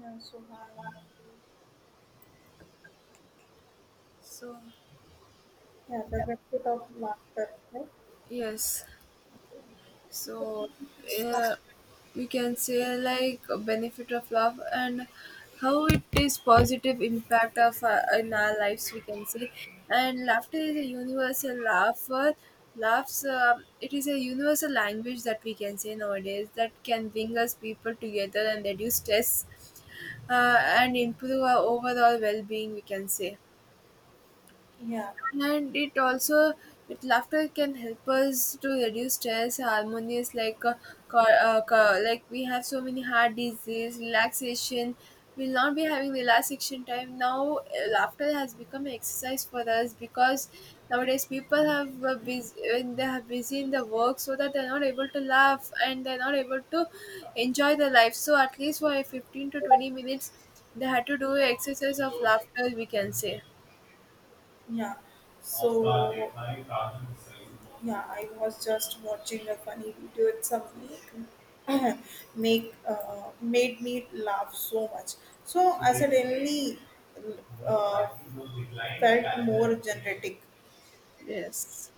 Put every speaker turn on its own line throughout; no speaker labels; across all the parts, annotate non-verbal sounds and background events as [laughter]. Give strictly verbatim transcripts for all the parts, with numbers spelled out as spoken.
Yeah, so I,
So,
yeah, the benefit of laughter, right?
yes. So,
Start,
yeah, we can say like a benefit of love and how it is positive impact of uh, in our lives. We can say. And laughter is a universal laugh. Uh, Laughs. Um it is a universal language that we can say nowadays that can bring us people together and reduce stress uh, and improve our overall well-being, we can say.
yeah,
And it also, with laughter, can help us to reduce stress harmonious like uh, co- uh, co- like we have so many heart disease. Relaxation, we will not be having relaxation time now. Uh, laughter has become exercise for us because nowadays people have uh, busy, when they are busy in the work, so that they're not able to laugh and they're not able to enjoy their life, so at least for fifteen to twenty minutes they had to do exercise of laughter, we can say.
yeah. So, yeah, I was just watching a funny video. It's a make, [clears throat] make uh, made me laugh so much. So I suddenly uh, felt more generative.
Yes,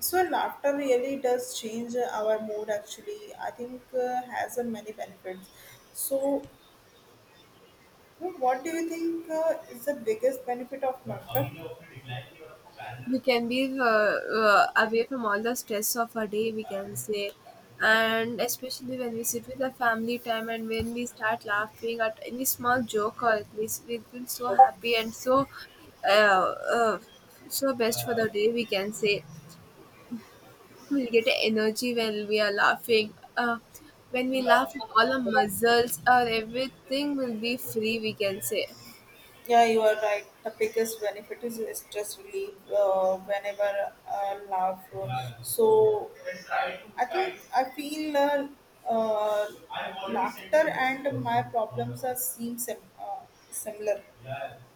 So laughter really does change our mood. Actually, I think uh, has a many benefits. So So what do you think uh, is the biggest benefit of laughter?
we can be uh, uh, away from all the stress of a day, we can say. And especially when we sit with the family time and when we start laughing at any small joke, or at least we feel so happy and so uh, uh, so best for the day, we can say. We'll get energy when we are laughing. Uh, when we laugh, all our muscles or everything will be free, we can say.
Yeah, you are right. The biggest benefit is stress relief, uh, whenever I laugh. So I think I feel uh, uh, laughter and my problems are seem sim- uh, similar,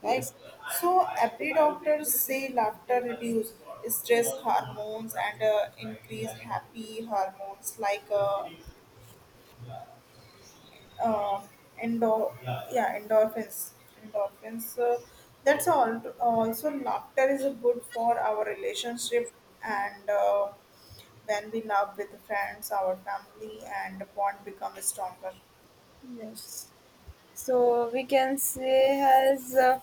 right?
Yes.
So every doctor say laughter reduce stress hormones and uh, increase happy hormones like uh, uh, endor- yeah, endorphins endorphins uh, That's all. Also, laughter is good for our relationship, and uh, when we laugh with friends, our family, and bond become stronger.
Yes. So, we can say has uh,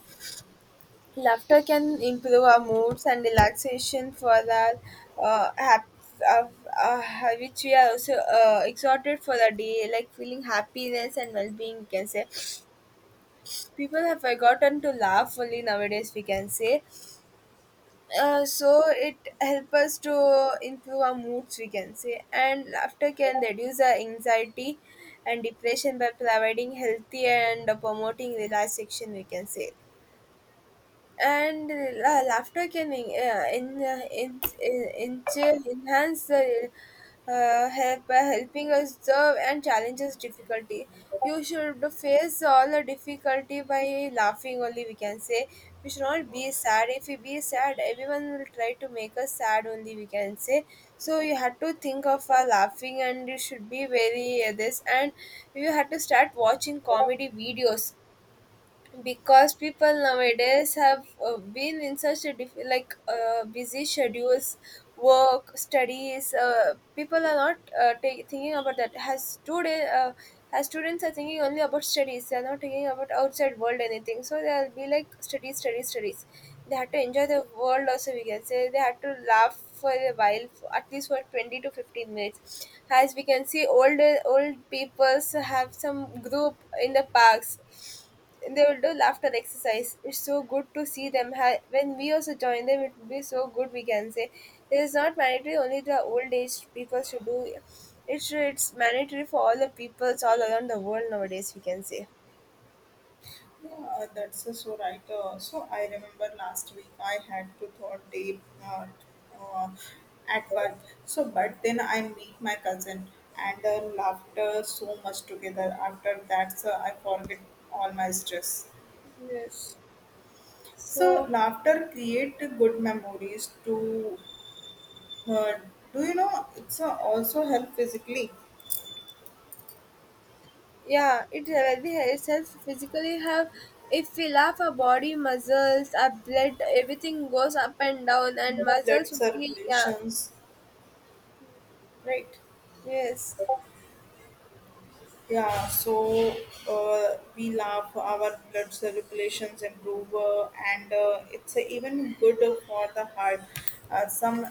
laughter can improve our moods and relaxation for our uh, hap- uh, uh, which we are also uh, exhorted for the day, like feeling happiness and well-being, we can say. People have forgotten to laugh fully nowadays, we can say. Uh, so it help us to improve our moods, we can say. And laughter can reduce our anxiety and depression by providing healthy and promoting relaxation, we can say. And la- laughter can en- uh, en- uh, en- en- en- enhance the uh, help by helping us serve and challenges difficulty. You should face all the difficulty by laughing only, we can say. We should not be sad. If we be sad, everyone will try to make us sad only, we can say. So, you had to think of uh, laughing, and you should be very uh, this. And you had to start watching comedy videos because people nowadays have uh, been in such a diff- like uh, busy schedules, work, studies. Uh, people are not uh, ta- thinking about that has today. Uh, as students are thinking only about studies, they are not thinking about outside world anything, so they'll be like studies studies studies. They had to enjoy the world also, we can say. They had to laugh for a while for at least for twenty to fifteen minutes. As we can see, older old peoples have some group in the parks, they will do laughter exercise. It's so good to see them. Ha- When we also join them, it will be so good, we can say. It is not mandatory only the old age people should do. It's it's mandatory for all the peoples all around the world nowadays, we can say.
Yeah, that's uh, so right. Uh, so I remember last week I had to thought day uh, uh, at work. So, but then I meet my cousin and uh, laughed uh, so much together. After that, so I forget all my stress.
Yes.
So
So.
laughter create good memories to, uh, do you know it's uh, also help physically?
Yeah, it will be itself physically have. If we laugh, our body muscles, our blood, everything goes up and down, and muscles
Blood
will be, yeah.
circulations, right?
Yes.
Yeah, so uh, we laugh, our blood circulations improve, uh, and uh, it's uh, even good for the heart. Uh, some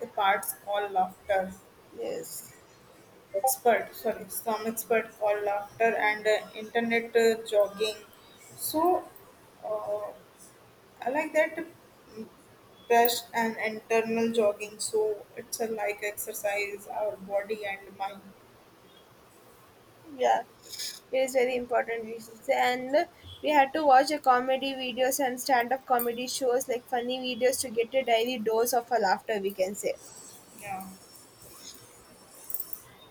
the parts call laughter
Yes.
expert, sorry, some expert call laughter and uh, internet uh, jogging. So uh, I like that. Mm, and internal jogging, so it's a like exercise our body and mind.
Yeah, it is very important reasons, and we had to watch a comedy videos and stand-up comedy shows like funny videos to get a daily dose of a laughter, we can say.
Yeah.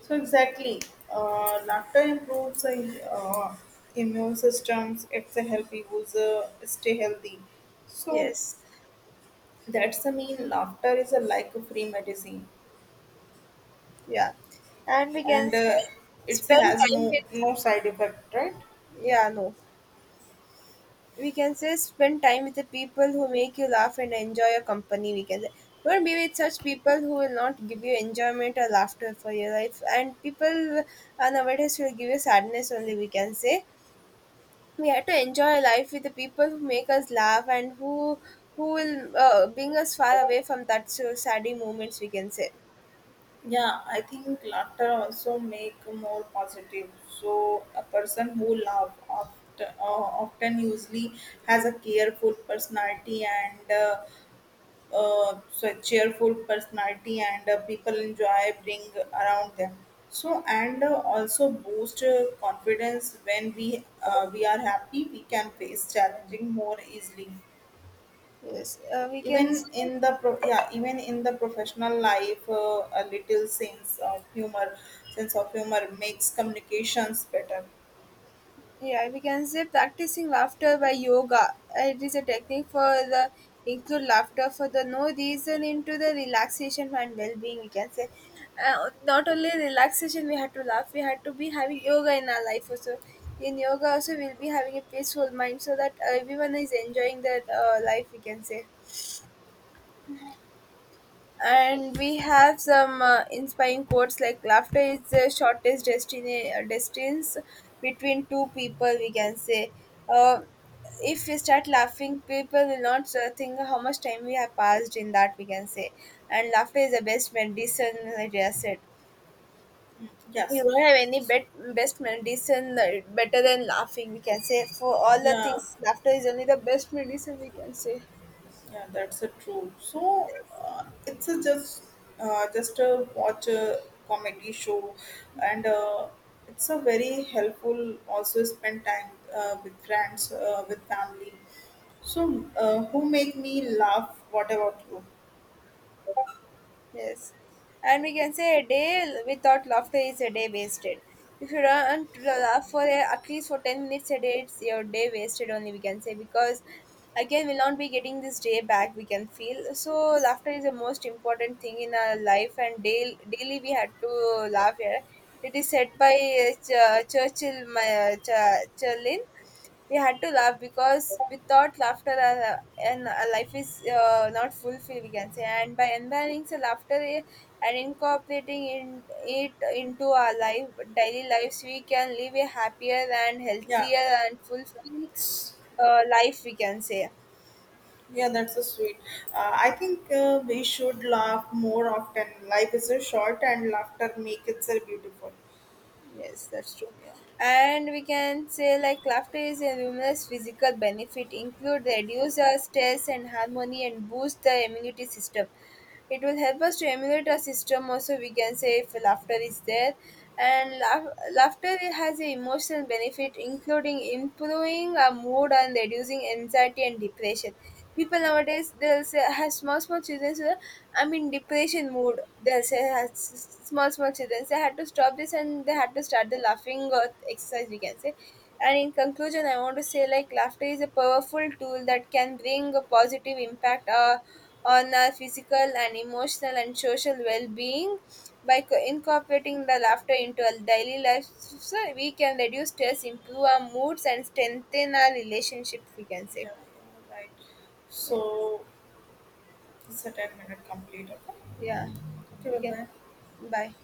So exactly, uh, laughter improves the uh, immune systems. It's a healthy user stay healthy. So
Yes.
that's the mean. Laughter is a like a free medicine,
Yeah, and we can
and
say
uh, it
spend
has
time
no
with.
no side effect, right?
Yeah, no, we can say spend time with the people who make you laugh and enjoy your company, we can say. Don't be
Yeah.
with such people who will not give you enjoyment or laughter for your life, and people uh, nowadays will give you sadness only, we can say. We have to enjoy life with the people who make us laugh, and who who will uh, bring us far away from that so saddy moments, we can say.
Yeah, I think laughter also make more positive. So a person who laugh often, uh, often usually has a careful personality and uh, uh, so a cheerful personality and uh, people enjoy bring around them. So and uh, also boost uh, confidence when we uh, we are happy, we can face challenging more easily,
Yes, uh, we
even
can say.
in the pro- yeah, even in the professional life, uh, a little sense of humor sense of humor makes communications better.
Yeah, we can say practicing laughter by yoga, it is a technique for the include laughter for the no reason into the relaxation and well-being, we can say. uh, Not only relaxation, we had to laugh, we had to be having yoga in our life also. In yoga also, we'll be having a peaceful mind so that everyone is enjoying their uh, life, we can say. And we have some uh, inspiring quotes like laughter is the shortest destiny uh, distance between two people, we can say. uh, if we start laughing, people will not uh, think how much time we have passed in that, we can say. And laughter is the best medicine, like I said. You
Yes.
don't have any bet- best medicine uh, better than laughing, we can say. For all the
Yeah.
things, laughter is only the best medicine, we can say.
Yeah, that's a true. So
Yes.
uh, it's a just, uh, just a watch a comedy show, and uh, it's a very helpful. Also spend time uh, with friends, uh, with family, so uh, who make me laugh. What about you?
Yes. And we can say a day without laughter is a day wasted. If you don't laugh for a, at least for ten minutes a day, it's your day wasted only, we can say, because again, we'll not be getting this day back, we can feel. So,
Yes.
laughter is the most important thing in our life, and daily, daily we had to laugh here. It is said by uh, Ch- Churchill, my, uh, Ch- Churlin, we had to laugh because without laughter uh, and uh, life is uh, not fulfilled, we can say. And by embracing the laughter i- and incorporating in, it into our life, daily lives, we can live a happier and healthier and fulfilled
Yeah.
uh, life, we can say.
Yeah, that's so sweet. Uh, I think uh, we should laugh more often. Life is so short, and laughter makes it so beautiful.
Yes, that's true.
Yeah,
And we can say like laughter is a numerous physical benefit, include reduce our stress and harmony and boost the immunity system. It will help us to emulate our system also, we can say, if laughter is there. And laugh- laughter has a emotional benefit including improving our mood and reducing anxiety and depression. People nowadays they'll say have small small children, so I'm in depression mood. They say has small small children. They had to stop this and they had to start the laughing uh, exercise, we can say. And in conclusion, I want to say like laughter is a powerful tool that can bring a positive impact uh, on our physical and emotional and social well-being. By co- incorporating the laughter into our daily lives, so we can reduce stress, improve our moods, and strengthen our relationships, we can
yeah,
say.
yeah, right.
Yes,
So, it's a ten minute complete. Okay,
yeah,
okay,
we
bye
can.
bye.
Bye.